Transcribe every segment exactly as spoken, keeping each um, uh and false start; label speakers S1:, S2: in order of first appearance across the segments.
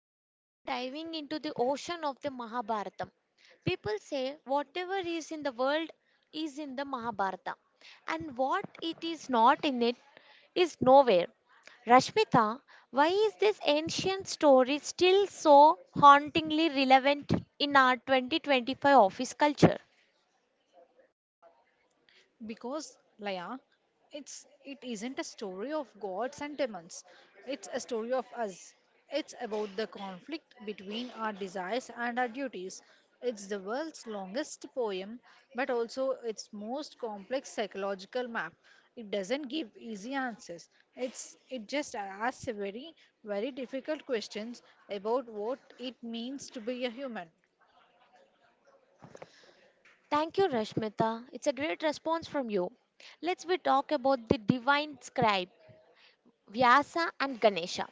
S1: Today we are diving into the ocean of the Mahabharata. People say whatever is in the world is in the Mahabharata, and what it is not in it is nowhere. Rashmita, why is this ancient story still so hauntingly relevant in our twenty twenty-five office culture?
S2: Because, Laya, it's it isn't a story of gods and demons. It's a story of us. It's about the conflict between our desires and our duties. It's the world's longest poem, but also its most complex psychological map. It doesn't give easy answers. It's it just asks very, very difficult questions about what it means to be a human.
S1: Thank you, Rashmita. It's a great response from you. Let's we talk about the divine scribe Vyasa and Ganesha.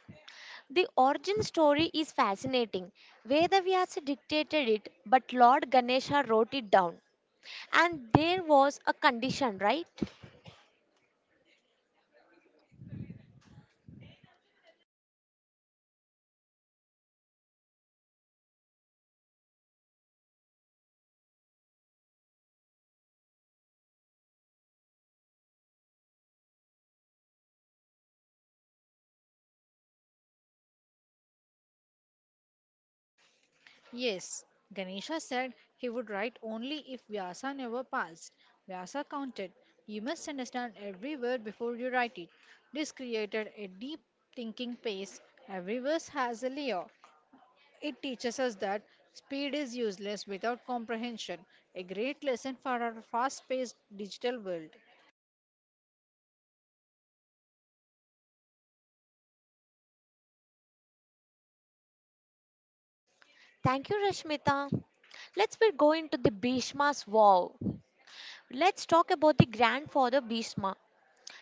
S1: The origin story is fascinating. Vedavyasa dictated it, but Lord Ganesha wrote it down. And there was a condition, right?
S2: Yes, Ganesha said he would write only if Vyasa never passed. Vyasa counted. You must understand every word before you write it. This created a deep thinking pace. Every verse has a layer. It teaches us that speed is useless without comprehension, a great lesson for our fast paced digital world.
S1: Thank you, Rashmita. Let's we go into the Bhishma's vow. Let's talk about the grandfather Bhishma.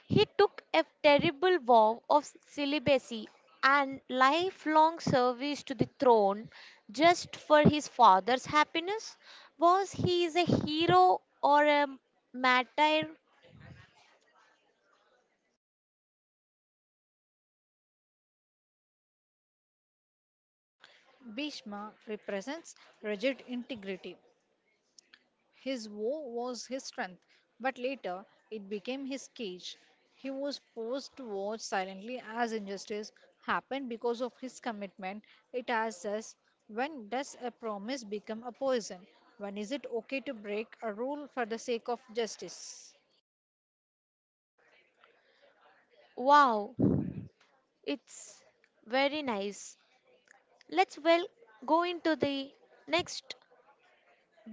S1: He took a terrible vow of celibacy and lifelong service to the throne just for his father's happiness. Was he is a hero or a martyr?
S2: Bhishma represents rigid integrity. His woe was his strength, but later it became his cage. He was forced to watch silently as injustice happened because of his commitment. It asks us, when does a promise become a poison? When is it okay to break a rule for the sake of justice?
S1: Wow, it's very nice. Let's, well, go into the next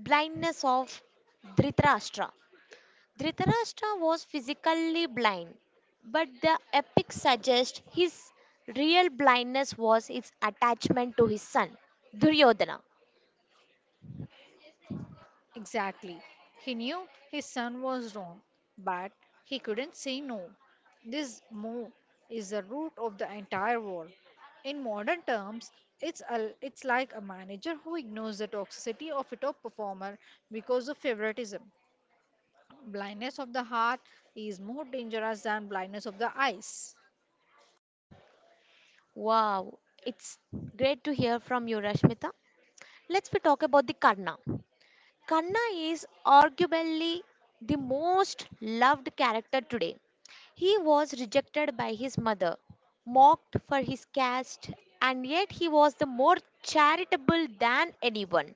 S1: blindness of Dhritarashtra. Dhritarashtra was physically blind, but the epic suggests his real blindness was his attachment to his son Duryodhana.
S2: Exactly. He knew his son was wrong, but he couldn't say no. This move is the root of the entire war. In modern terms, it's a, it's like a manager who ignores the toxicity of a top performer because of favoritism. Blindness of the heart is more dangerous than blindness of the eyes.
S1: Wow, it's great to hear from you, Rashmita. Let's we talk about the Karna. Kanna is arguably the most loved character today. He was rejected by his mother, mocked for his caste, and yet he was the more charitable than anyone.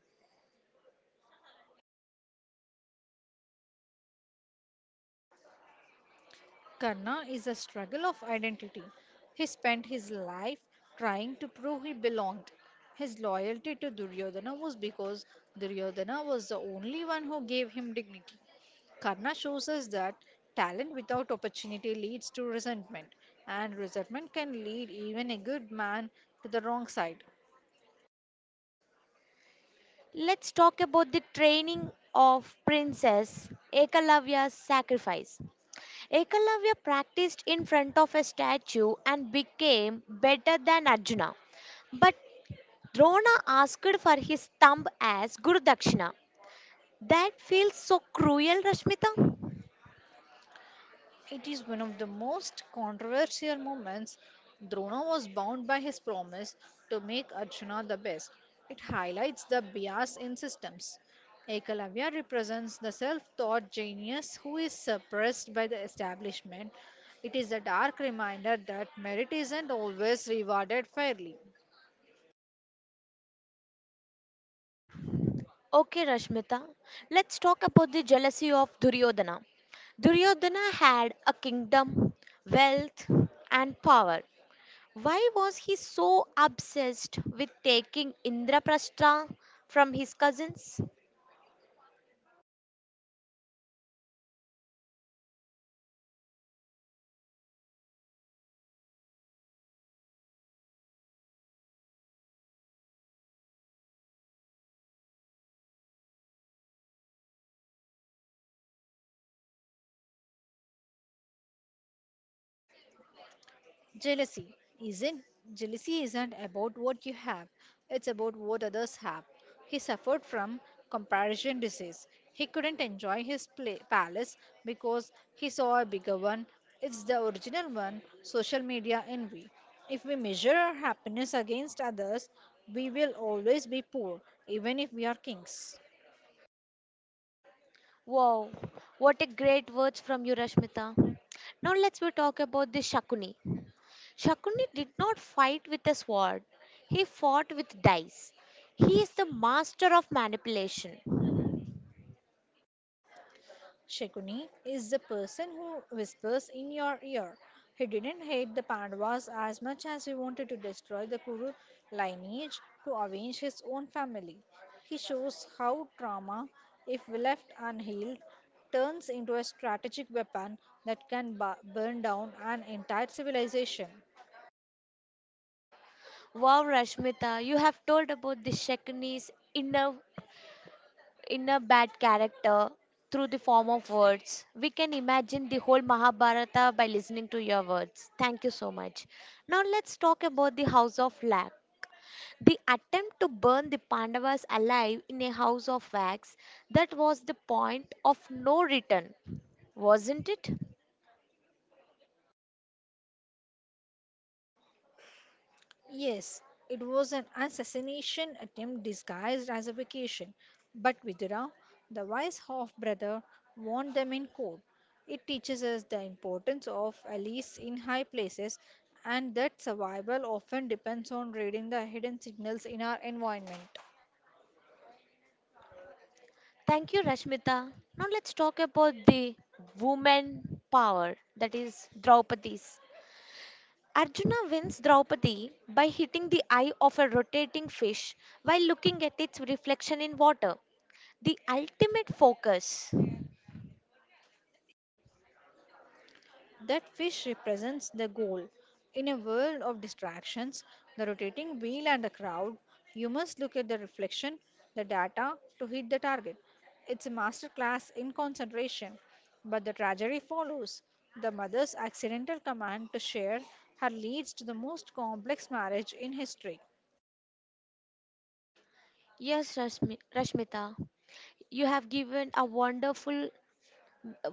S2: Karna is a struggle of identity. He spent his life trying to prove he belonged. His loyalty to Duryodhana was because Duryodhana was the only one who gave him dignity. Karna shows us that talent without opportunity leads to resentment, and resentment can lead even a good man to the wrong side.
S1: Let's talk about the training of Princess Ekalavya's sacrifice. Ekalavya practiced in front of a statue and became better than Arjuna. But Drona asked for his thumb as Guru Dakshina. That feels so cruel, Rashmita.
S2: It is one of the most controversial moments. Drona was bound by his promise to make Arjuna the best. It highlights the bias in systems. Ekalavya represents the self taught genius who is suppressed by the establishment. It is a dark reminder that merit isn't always rewarded fairly.
S1: Okay, Rashmita, let's talk about the jealousy of Duryodhana. Duryodhana had a kingdom, wealth, and power. Why was he so obsessed with taking Indraprastha from his cousins?
S2: Jealousy isn't jealousy isn't about what you have, it's about what others have. He suffered from comparison disease. He couldn't enjoy his pla palace because he saw a bigger one. It's the original one, social media envy. If we measure our happiness against others, we will always be poor, even if we are kings.
S1: Wow, what a great words from you, Rashmita. Now let's we talk about the Shakuni. Shakuni did not fight with a sword. He fought with dice. He is the master of manipulation.
S2: Shakuni is the person who whispers in your ear. He didn't hate the Pandavas as much as he wanted to destroy the Kuru lineage to avenge his own family. He shows how trauma, if left unhealed, turns into a strategic weapon that can bu- burn down an entire civilization.
S1: Wow, Rashmita, you have told about the Shakuni's inner inner bad character through the form of words. We can imagine the whole Mahabharata by listening to your words. Thank you so much. Now let's talk about the House of Lack. The attempt to burn the Pandavas alive in a house of wax, that was the point of no return, wasn't it?
S2: Yes, it was an assassination attempt disguised as a vacation, but Vidura, the wise half brother, warned them in court. It teaches us the importance of allies in high places and that survival often depends on reading the hidden signals in our environment.
S1: Thank you, Rashmita. Now let's talk about the woman power, that is Draupadi's. Arjuna wins Draupadi by hitting the eye of a rotating fish while looking at its reflection in water. The ultimate focus.
S2: That fish represents the goal. In a world of distractions, the rotating wheel, and the crowd, you must look at the reflection, the data, to hit the target. It's a masterclass in concentration. But the tragedy follows. The mother's accidental command to share her leads to the most complex marriage in history.
S1: Yes, Rashmi- Rashmita, you have given a wonderful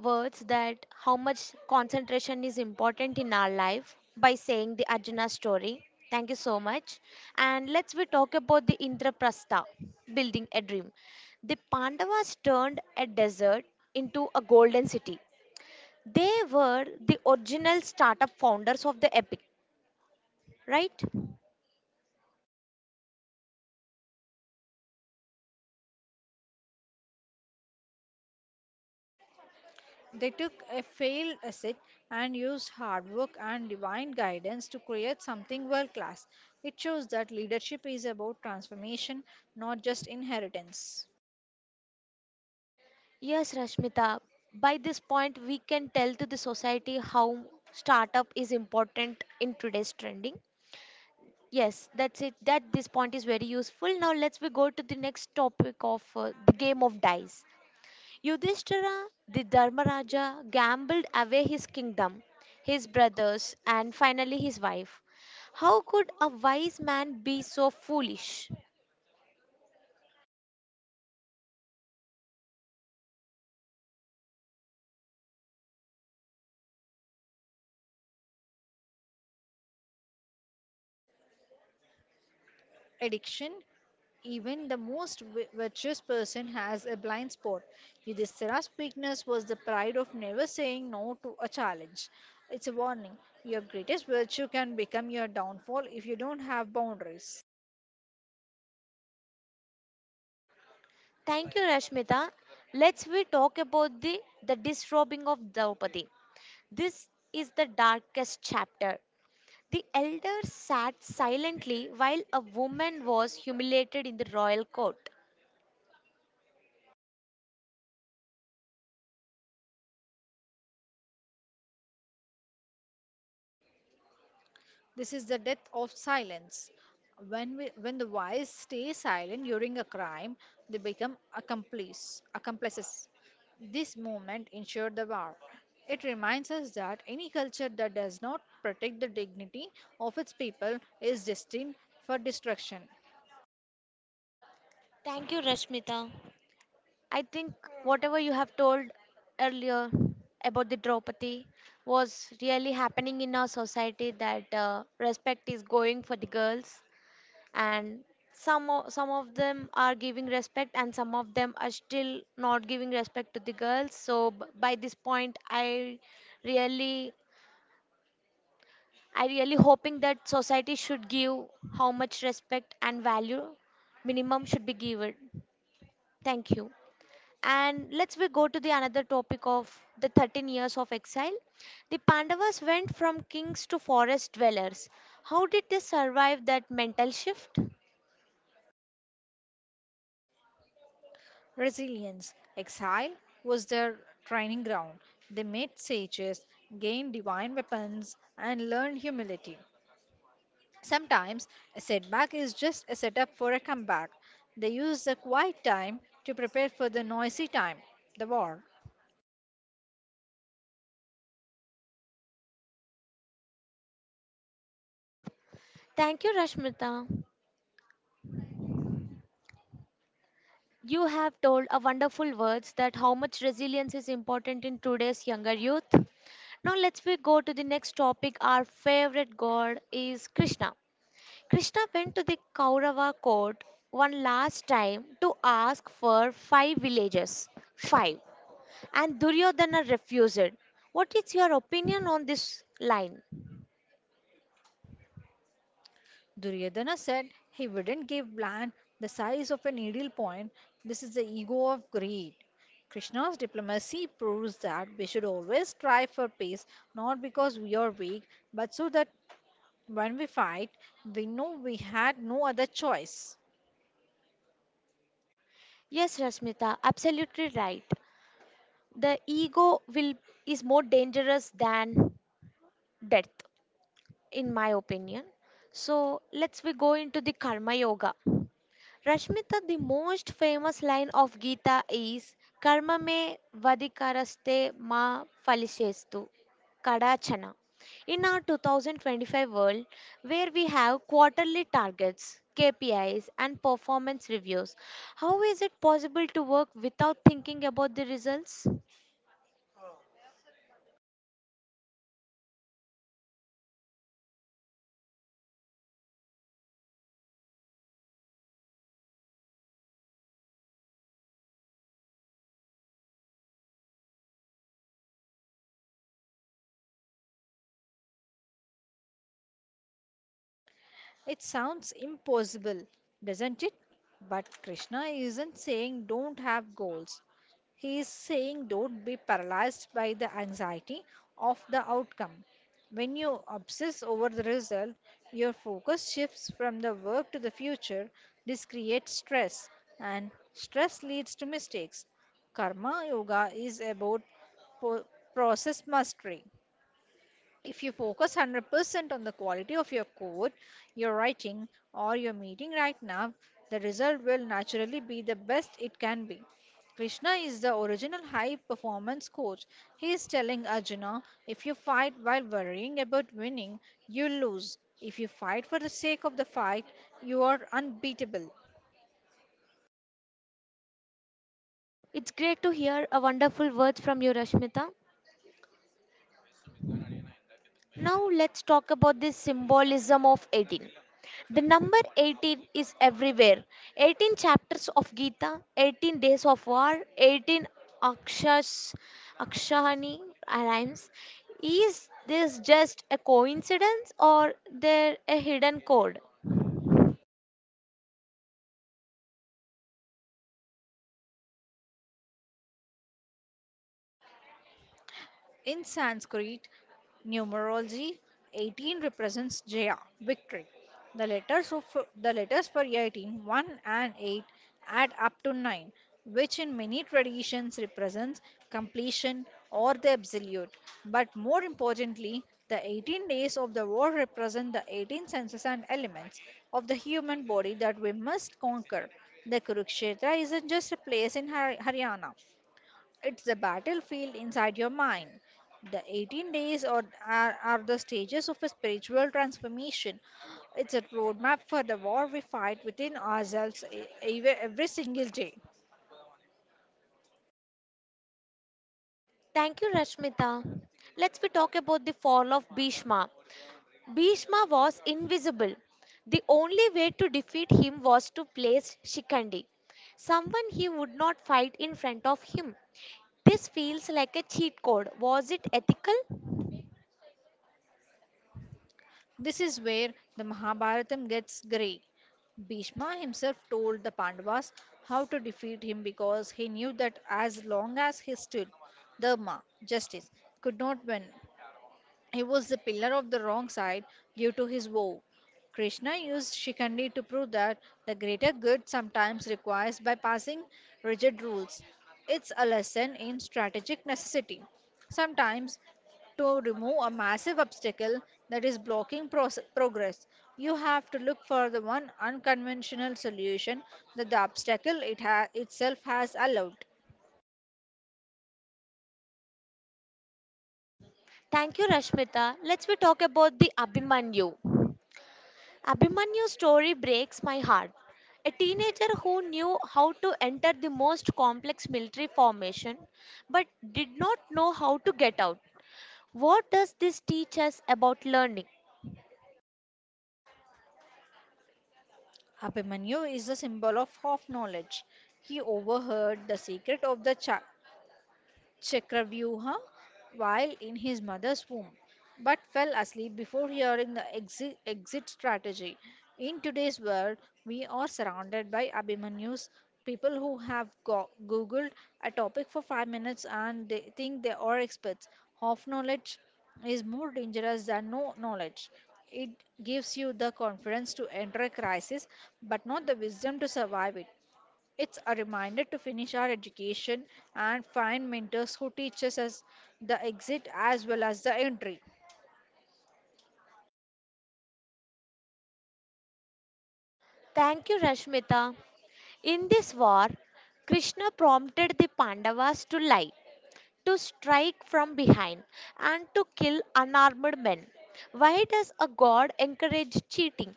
S1: words that how much concentration is important in our life by saying the Arjuna story. Thank you so much. And let's we talk about the Indraprastha, building a dream. The Pandavas turned a desert into a golden city. They were the original startup founders of the epic, right?
S2: They took a failed asset and used hard work and divine guidance to create something world class. It shows that leadership is about transformation, not just inheritance.
S1: Yes, Rashmita. By this point, we can tell to the society how startup is important in today's trending. Yes, that's it. That this point is very useful. Now let's we go to the next topic of uh, the game of dice. Yudhishthira, the Dharmaraja, gambled away his kingdom, his brothers, and finally his wife. How could a wise man be so foolish?
S2: Addiction, even the most vi- virtuous person has a blind spot. Yudhishthira's weakness was the pride of never saying no to a challenge. It's a warning. Your greatest virtue can become your downfall if you don't have boundaries.
S1: Thank you, Rashmita. Let's we talk about the the disrobing of Draupadi. This is the darkest chapter. The elder sat silently while a woman was humiliated in the royal court.
S2: This is the death of silence. When we, when the wise stay silent during a crime, they become accomplice, accomplices. This movement ensured the war. It reminds us that any culture that does not protect the dignity of its people is destined for destruction.
S1: Thank you, Rashmita. I think whatever you have told earlier about the Draupadi was really happening in our society that uh, respect is going for the girls and some of, some of them are giving respect and some of them are still not giving respect to the girls, so b- by this point i really I really hoping that society should give how much respect and value minimum should be given. Thank you. And let's we go to the another topic of the thirteen years of exile. The Pandavas went from kings to forest dwellers. How did they survive that mental shift?
S2: Resilience, exile was their training ground. They made sages, gained divine weapons, and learned humility. Sometimes a setback is just a setup for a comeback. They use the quiet time to prepare for the noisy time, the war.
S1: Thank you, Rashmita. You have told a wonderful words that how much resilience is important in today's younger youth. Now let's we go to the next topic. Our favorite god is Krishna. Krishna went to the Kaurava court one last time to ask for five villages. Five. And Duryodhana refused. What is your opinion on this line?
S2: Duryodhana said he wouldn't give land the size of a needle point. This is the ego of greed. Krishna's diplomacy proves that we should always strive for peace, not because we are weak, but so that when we fight, we know we had no other choice.
S1: Yes, Rasmita, absolutely right. The ego will is more dangerous than death, in my opinion. So let's we go into the karma yoga. Rashmita, the most famous line of Gita is Karma me vadikaraste ma phalishestu kadachana. In our twenty twenty-five world, where we have quarterly targets, K P Is, and performance reviews, how is it possible to work without thinking about the results?
S2: It sounds impossible, doesn't it? But Krishna isn't saying don't have goals. He is saying don't be paralyzed by the anxiety of the outcome. When you obsess over the result, your focus shifts from the work to the future. This creates stress, and stress leads to mistakes. Karma Yoga is about po- process mastery. If you focus one hundred percent on the quality of your code, your writing, or your meeting right now, the result will naturally be the best it can be. Krishna is the original high performance coach. He is telling Arjuna, if you fight while worrying about winning, you lose. If you fight for the sake of the fight, you are unbeatable.
S1: It's great to hear a wonderful words from you, Rashmita. Now let's talk about the symbolism of eighteen. The number eighteen is everywhere. eighteen chapters of Gita, eighteen days of war, eighteen akshas, akshahani rhymes. Is this just a coincidence or there a hidden code?
S2: In Sanskrit numerology, eighteen represents Jaya, victory. The letters of the letters for eighteen, one and eight add up to nine, which in many traditions represents completion or the absolute. But more importantly, the eighteen days of the war represent the eighteen senses and elements of the human body that we must conquer. The Kurukshetra isn't just a place in Har- Haryana. It's a battlefield inside your mind. The eighteen days or, are, are the stages of a spiritual transformation. It's a roadmap for the war we fight within ourselves e- ev- every single day.
S1: Thank you, Rashmita. Let's we talk about the fall of Bhishma. Bhishma was invisible. The only way to defeat him was to place Shikandi, someone he would not fight, in front of him. This feels like a cheat code. Was it ethical?
S2: This is where the Mahabharatam gets grey. Bhishma himself told the Pandavas how to defeat him because he knew that as long as he stood, Dharma, justice, could not win. He was the pillar of the wrong side due to his vow. Krishna used Shikandi to prove that the greater good sometimes requires bypassing rigid rules. It's a lesson in strategic necessity. Sometimes, to remove a massive obstacle that is blocking proce- progress, you have to look for the one unconventional solution that the obstacle it ha- itself has allowed.
S1: Thank you, Rashmita. Let's we talk about the Abhimanyu. Abhimanyu's story breaks my heart. A teenager who knew how to enter the most complex military formation but did not know how to get out. What does this teach us about learning?
S2: Abhimanyu is a symbol of half knowledge. He overheard the secret of the child Chakravyuha while in his mother's womb, but fell asleep before hearing the exit, exit strategy. In today's world, we are surrounded by Abhimanyus, people who have go- Googled a topic for five minutes and they think they are experts. Half knowledge is more dangerous than no knowledge. It gives you the confidence to enter a crisis, but not the wisdom to survive it. It's a reminder to finish our education and find mentors who teach us as the exit as well as the entry.
S1: Thank you, Rashmita. In this war, Krishna prompted the Pandavas to lie, to strike from behind, and to kill unarmed men. Why does a god encourage cheating?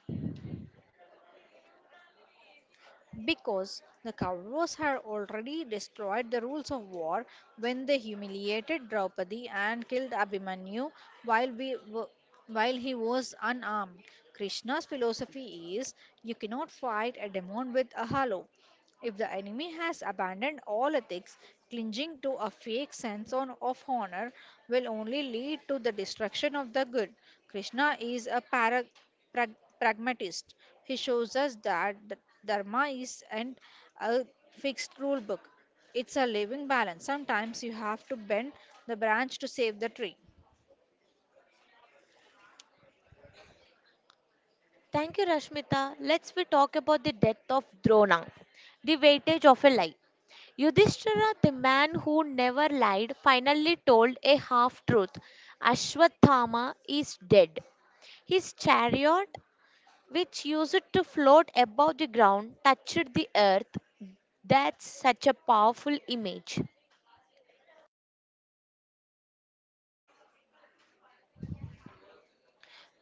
S2: Because the Kauravas had already destroyed the rules of war when they humiliated Draupadi and killed Abhimanyu while, we, w- while he was unarmed. Krishna's philosophy is, you cannot fight a demon with a halo. If the enemy has abandoned all ethics, clinging to a fake sense on- of honor will only lead to the destruction of the good. Krishna is a para- prag- pragmatist. He shows us that the dharma is and a fixed rule book. It's a living balance. Sometimes you have to bend the branch to save the tree.
S1: Thank you, Rashmita. Let's we talk about the death of Drona, the weightage of a lie. Yudhishthira, the man who never lied, finally told a half truth. Ashwathama is dead. His chariot, which used to float above the ground, touched the earth. That's such a powerful image.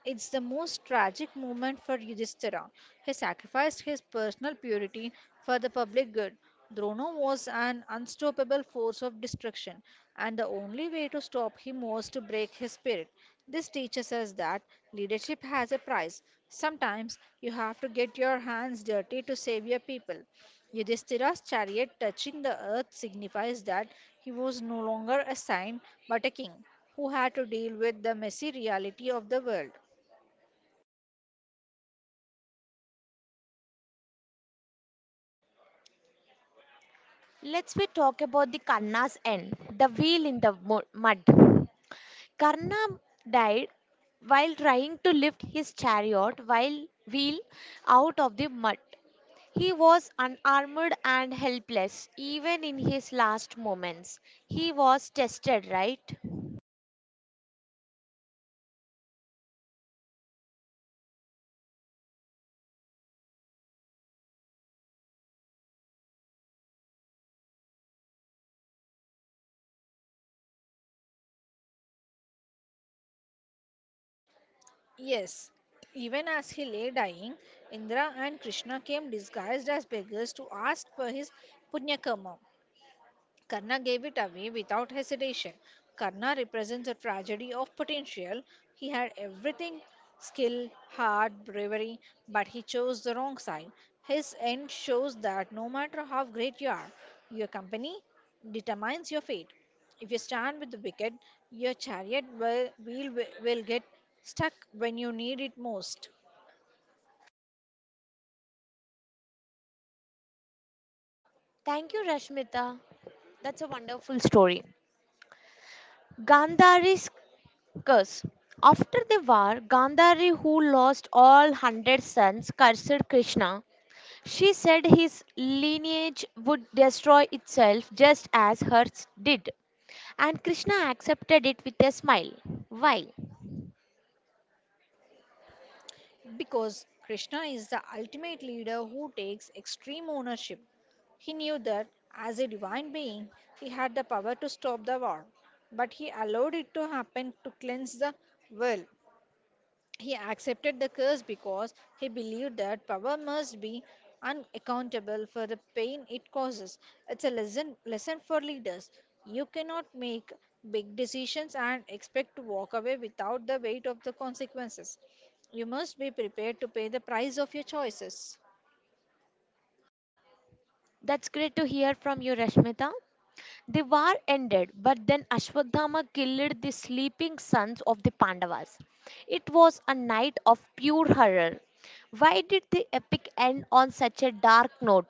S2: It's the most tragic moment for Yudhishthira. He sacrificed his personal purity for the public good. Drona was an unstoppable force of destruction, and the only way to stop him was to break his spirit. This teaches us that leadership has a price. Sometimes you have to get your hands dirty to save your people. Yudhishthira's chariot touching the earth signifies that he was no longer a saint but a king who had to deal with the messy reality of the world.
S1: Let's we talk about the Karna's end, the wheel in the mu- mud. Karna died while trying to lift his chariot while wheel out of the mud. He was unarmored and helpless even in his last moments. He was tested, right?
S2: Yes, even as he lay dying, Indra and Krishna came disguised as beggars to ask for his punya karma. Karna gave it away without hesitation. Karna represents a tragedy of potential. He had everything: skill, heart, bravery, but he chose the wrong side. His end shows that no matter how great you are, your company determines your fate. If you stand with the wicked, your chariot will, wheel will will get stuck when you need it most.
S1: Thank you, Rashmita. That's a wonderful story. Gandhari's curse. After the war, Gandhari, who lost all hundred sons, cursed Krishna. She said his lineage would destroy itself just as hers did. And Krishna accepted it with a smile. Why?
S2: Because Krishna is the ultimate leader who takes extreme ownership. He knew that as a divine being, he had the power to stop the war, but he allowed it to happen to cleanse the world. He accepted the curse because he believed that power must be unaccountable for the pain it causes. It's a lesson lesson for leaders. You cannot make big decisions and expect to walk away without the weight of the consequences. You must be prepared to pay the price of your choices.
S1: That's great to hear from you, Rashmita. The war ended, but then Ashwadama killed the sleeping sons of the Pandavas. It was a night of pure horror. Why did the epic end on such a dark note?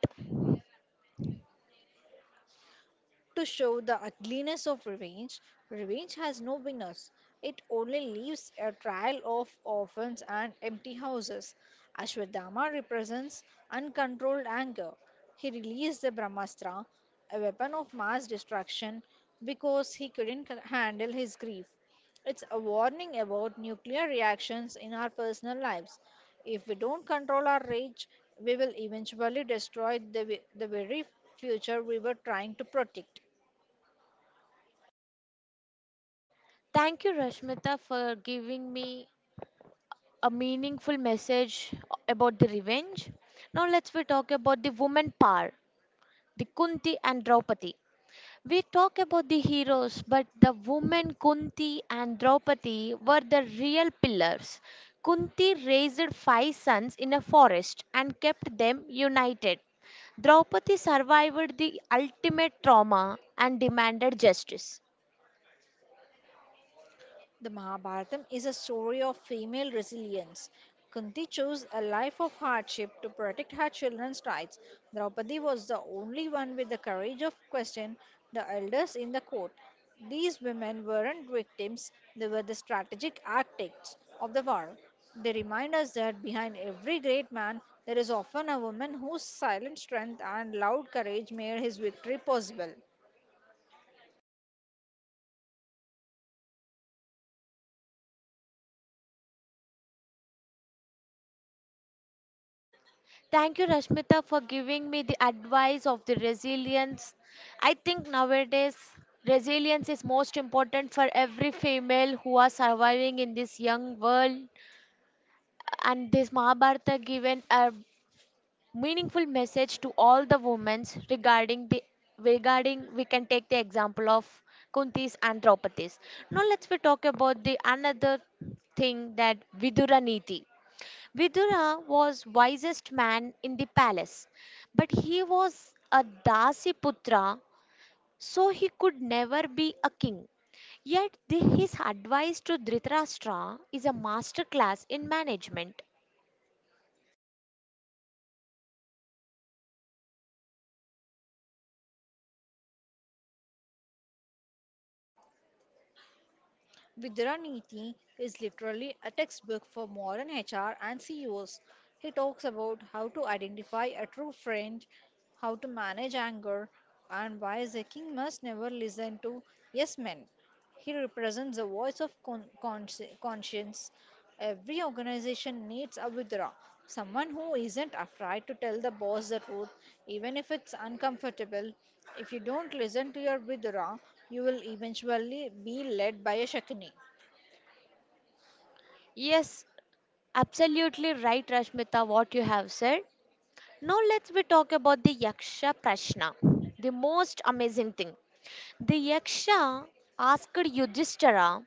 S2: To show the ugliness of revenge, revenge has no winners. It only leaves a trail of orphans and empty houses. Ashwadama represents uncontrolled anger. He released the Brahmastra, a weapon of mass destruction, because he couldn't c- handle his grief. It's a warning about nuclear reactions in our personal lives. If we don't control our rage, we will eventually destroy the, ve- the very future we were trying to protect.
S1: Thank you, Rashmita, for giving me a meaningful message about the revenge. Now let's we talk about the woman power, the Kunti and Draupadi. We talk about the heroes, but the women Kunti and Draupadi were the real pillars. Kunti raised five sons in a forest and kept them united. Draupadi survived the ultimate trauma and demanded justice.
S2: The Mahabharatam is a story of female resilience. Kunti chose a life of hardship to protect her children's rights. Draupadi was the only one with the courage of question the elders in the court. These women weren't victims, they were the strategic architects of the war. They remind us that behind every great man, there is often a woman whose silent strength and loud courage made his victory possible.
S1: Thank you, Rashmita, for giving me the advice of the resilience. I think nowadays resilience is most important for every female who are surviving in this young world, and this Mahabharata given a meaningful message to all the women regarding the regarding we can take the example of Kuntis and Draupadis. Now let's we talk about the another thing that Vidura Niti. Vidura was wisest man in the palace, but he was a Dasi Putra, so he could never be a king. Yet the, his advice to Dhritarashtra is a masterclass in management.
S2: Vidura Niti is literally a textbook for modern H R and C E Os. He talks about how to identify a true friend, how to manage anger, and why the king must never listen to yes men. He represents the voice of con- consci- conscience. Every organization needs a vidra, someone who isn't afraid to tell the boss the truth, even if it's uncomfortable. If you don't listen to your vidra, you will eventually be led by a shakni.
S1: Yes, absolutely right, Rashmita, what you have said. Now let's we talk about the Yaksha Prashna, the most amazing thing. The Yaksha asked Yudhishthira,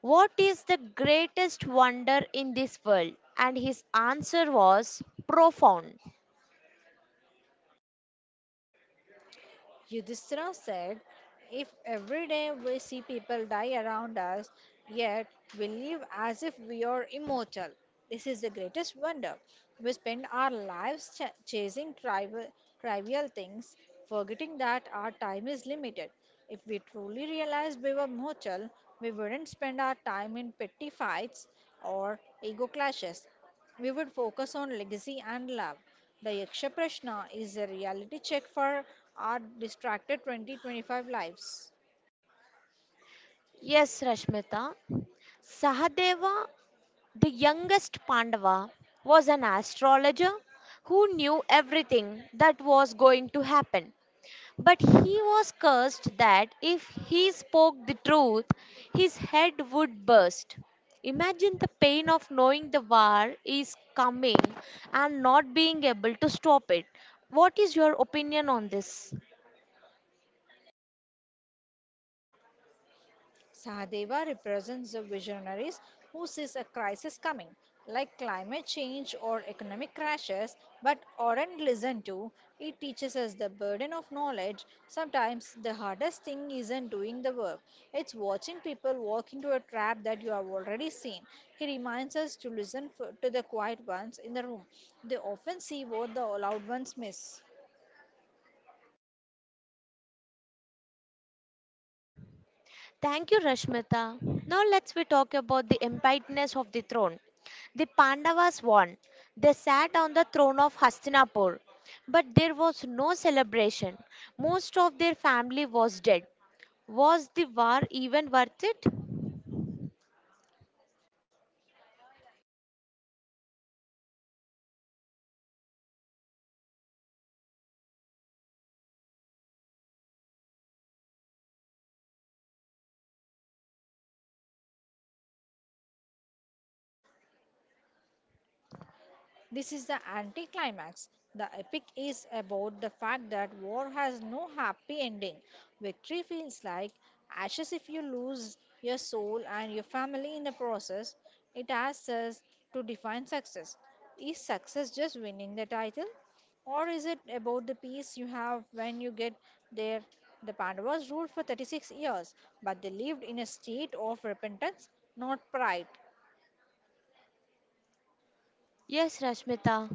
S1: what is the greatest wonder in this world? And his answer was profound.
S2: Yudhishthira said, if every day we see people die around us, yet we live as if we are immortal, this is the greatest wonder. We spend our lives ch- chasing trivial, trivial things, forgetting that our time is limited. If we truly realized we were mortal, we wouldn't spend our time in petty fights or ego clashes. We would focus on legacy and love. The Yaksha Prashna is a reality check for our distracted twenty twenty-five lives.
S1: Yes, Rashmita. Sahadeva, the youngest Pandava, was an astrologer who knew everything that was going to happen. But he was cursed that if he spoke the truth, his head would burst. Imagine the pain of knowing the war is coming and not being able to stop it. What is your opinion on this?
S2: Sahadeva represents the visionaries who sees a crisis coming, like climate change or economic crashes, but aren't listened to. It teaches us the burden of knowledge. Sometimes the hardest thing isn't doing the work, it's watching people walk into a trap that you have already seen. He reminds us to listen for, to the quiet ones in the room. They often see what the loud ones miss.
S1: Thank you, Rashmita. Now let's we talk about the emptiness of the throne. The Pandavas won. They sat on the throne of Hastinapur, but there was no celebration. Most of their family was dead. Was the war even worth it?
S2: This is the anticlimax. The epic is about the fact that war has no happy ending. Victory feels like ashes if you lose your soul and your family in the process. It asks us to define success. Is success just winning the title? Or is it about the peace you have when you get there? The Pandavas ruled for thirty-six years, but they lived in a state of repentance, not pride.
S1: Yes, Rashmita.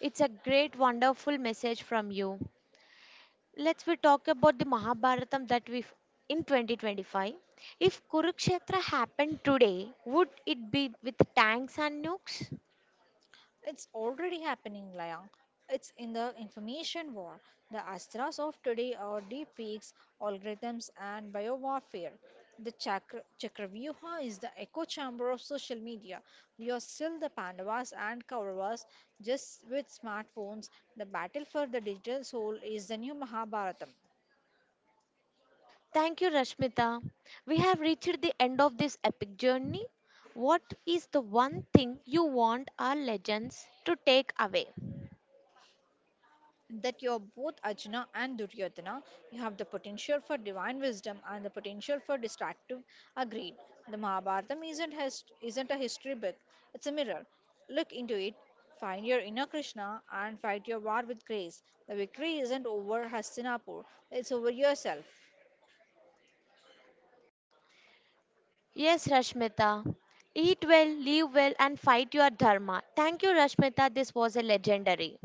S1: It's a great, wonderful message from you. Let's we talk about the Mahabharatam that we in twenty twenty-five. If Kurukshetra happened today, would it be with tanks and nukes?
S2: It's already happening, Layang. It's in the information war. The Astras of today are deepfakes, algorithms, and biowarfare. The Chakra, Chakravyuha is the echo chamber of social media. We are still the Pandavas and Kauravas, just with smartphones. The battle for the digital soul is the new Mahabharata.
S1: Thank you, Rashmita. We have reached the end of this epic journey. What is the one thing you want our legends to take away?
S2: That you're both Ajna and Duryodhana. You have the potential for divine wisdom and the potential for destructive uh, greed. The Mahabharata isn't, his, isn't a history book, it's a mirror. Look into it, find your inner Krishna, and fight your war with grace. The victory isn't over Hastinapur, it's over yourself.
S1: Yes, Rashmita. Eat well, live well, and fight your dharma. Thank you, Rashmita. This was a legendary.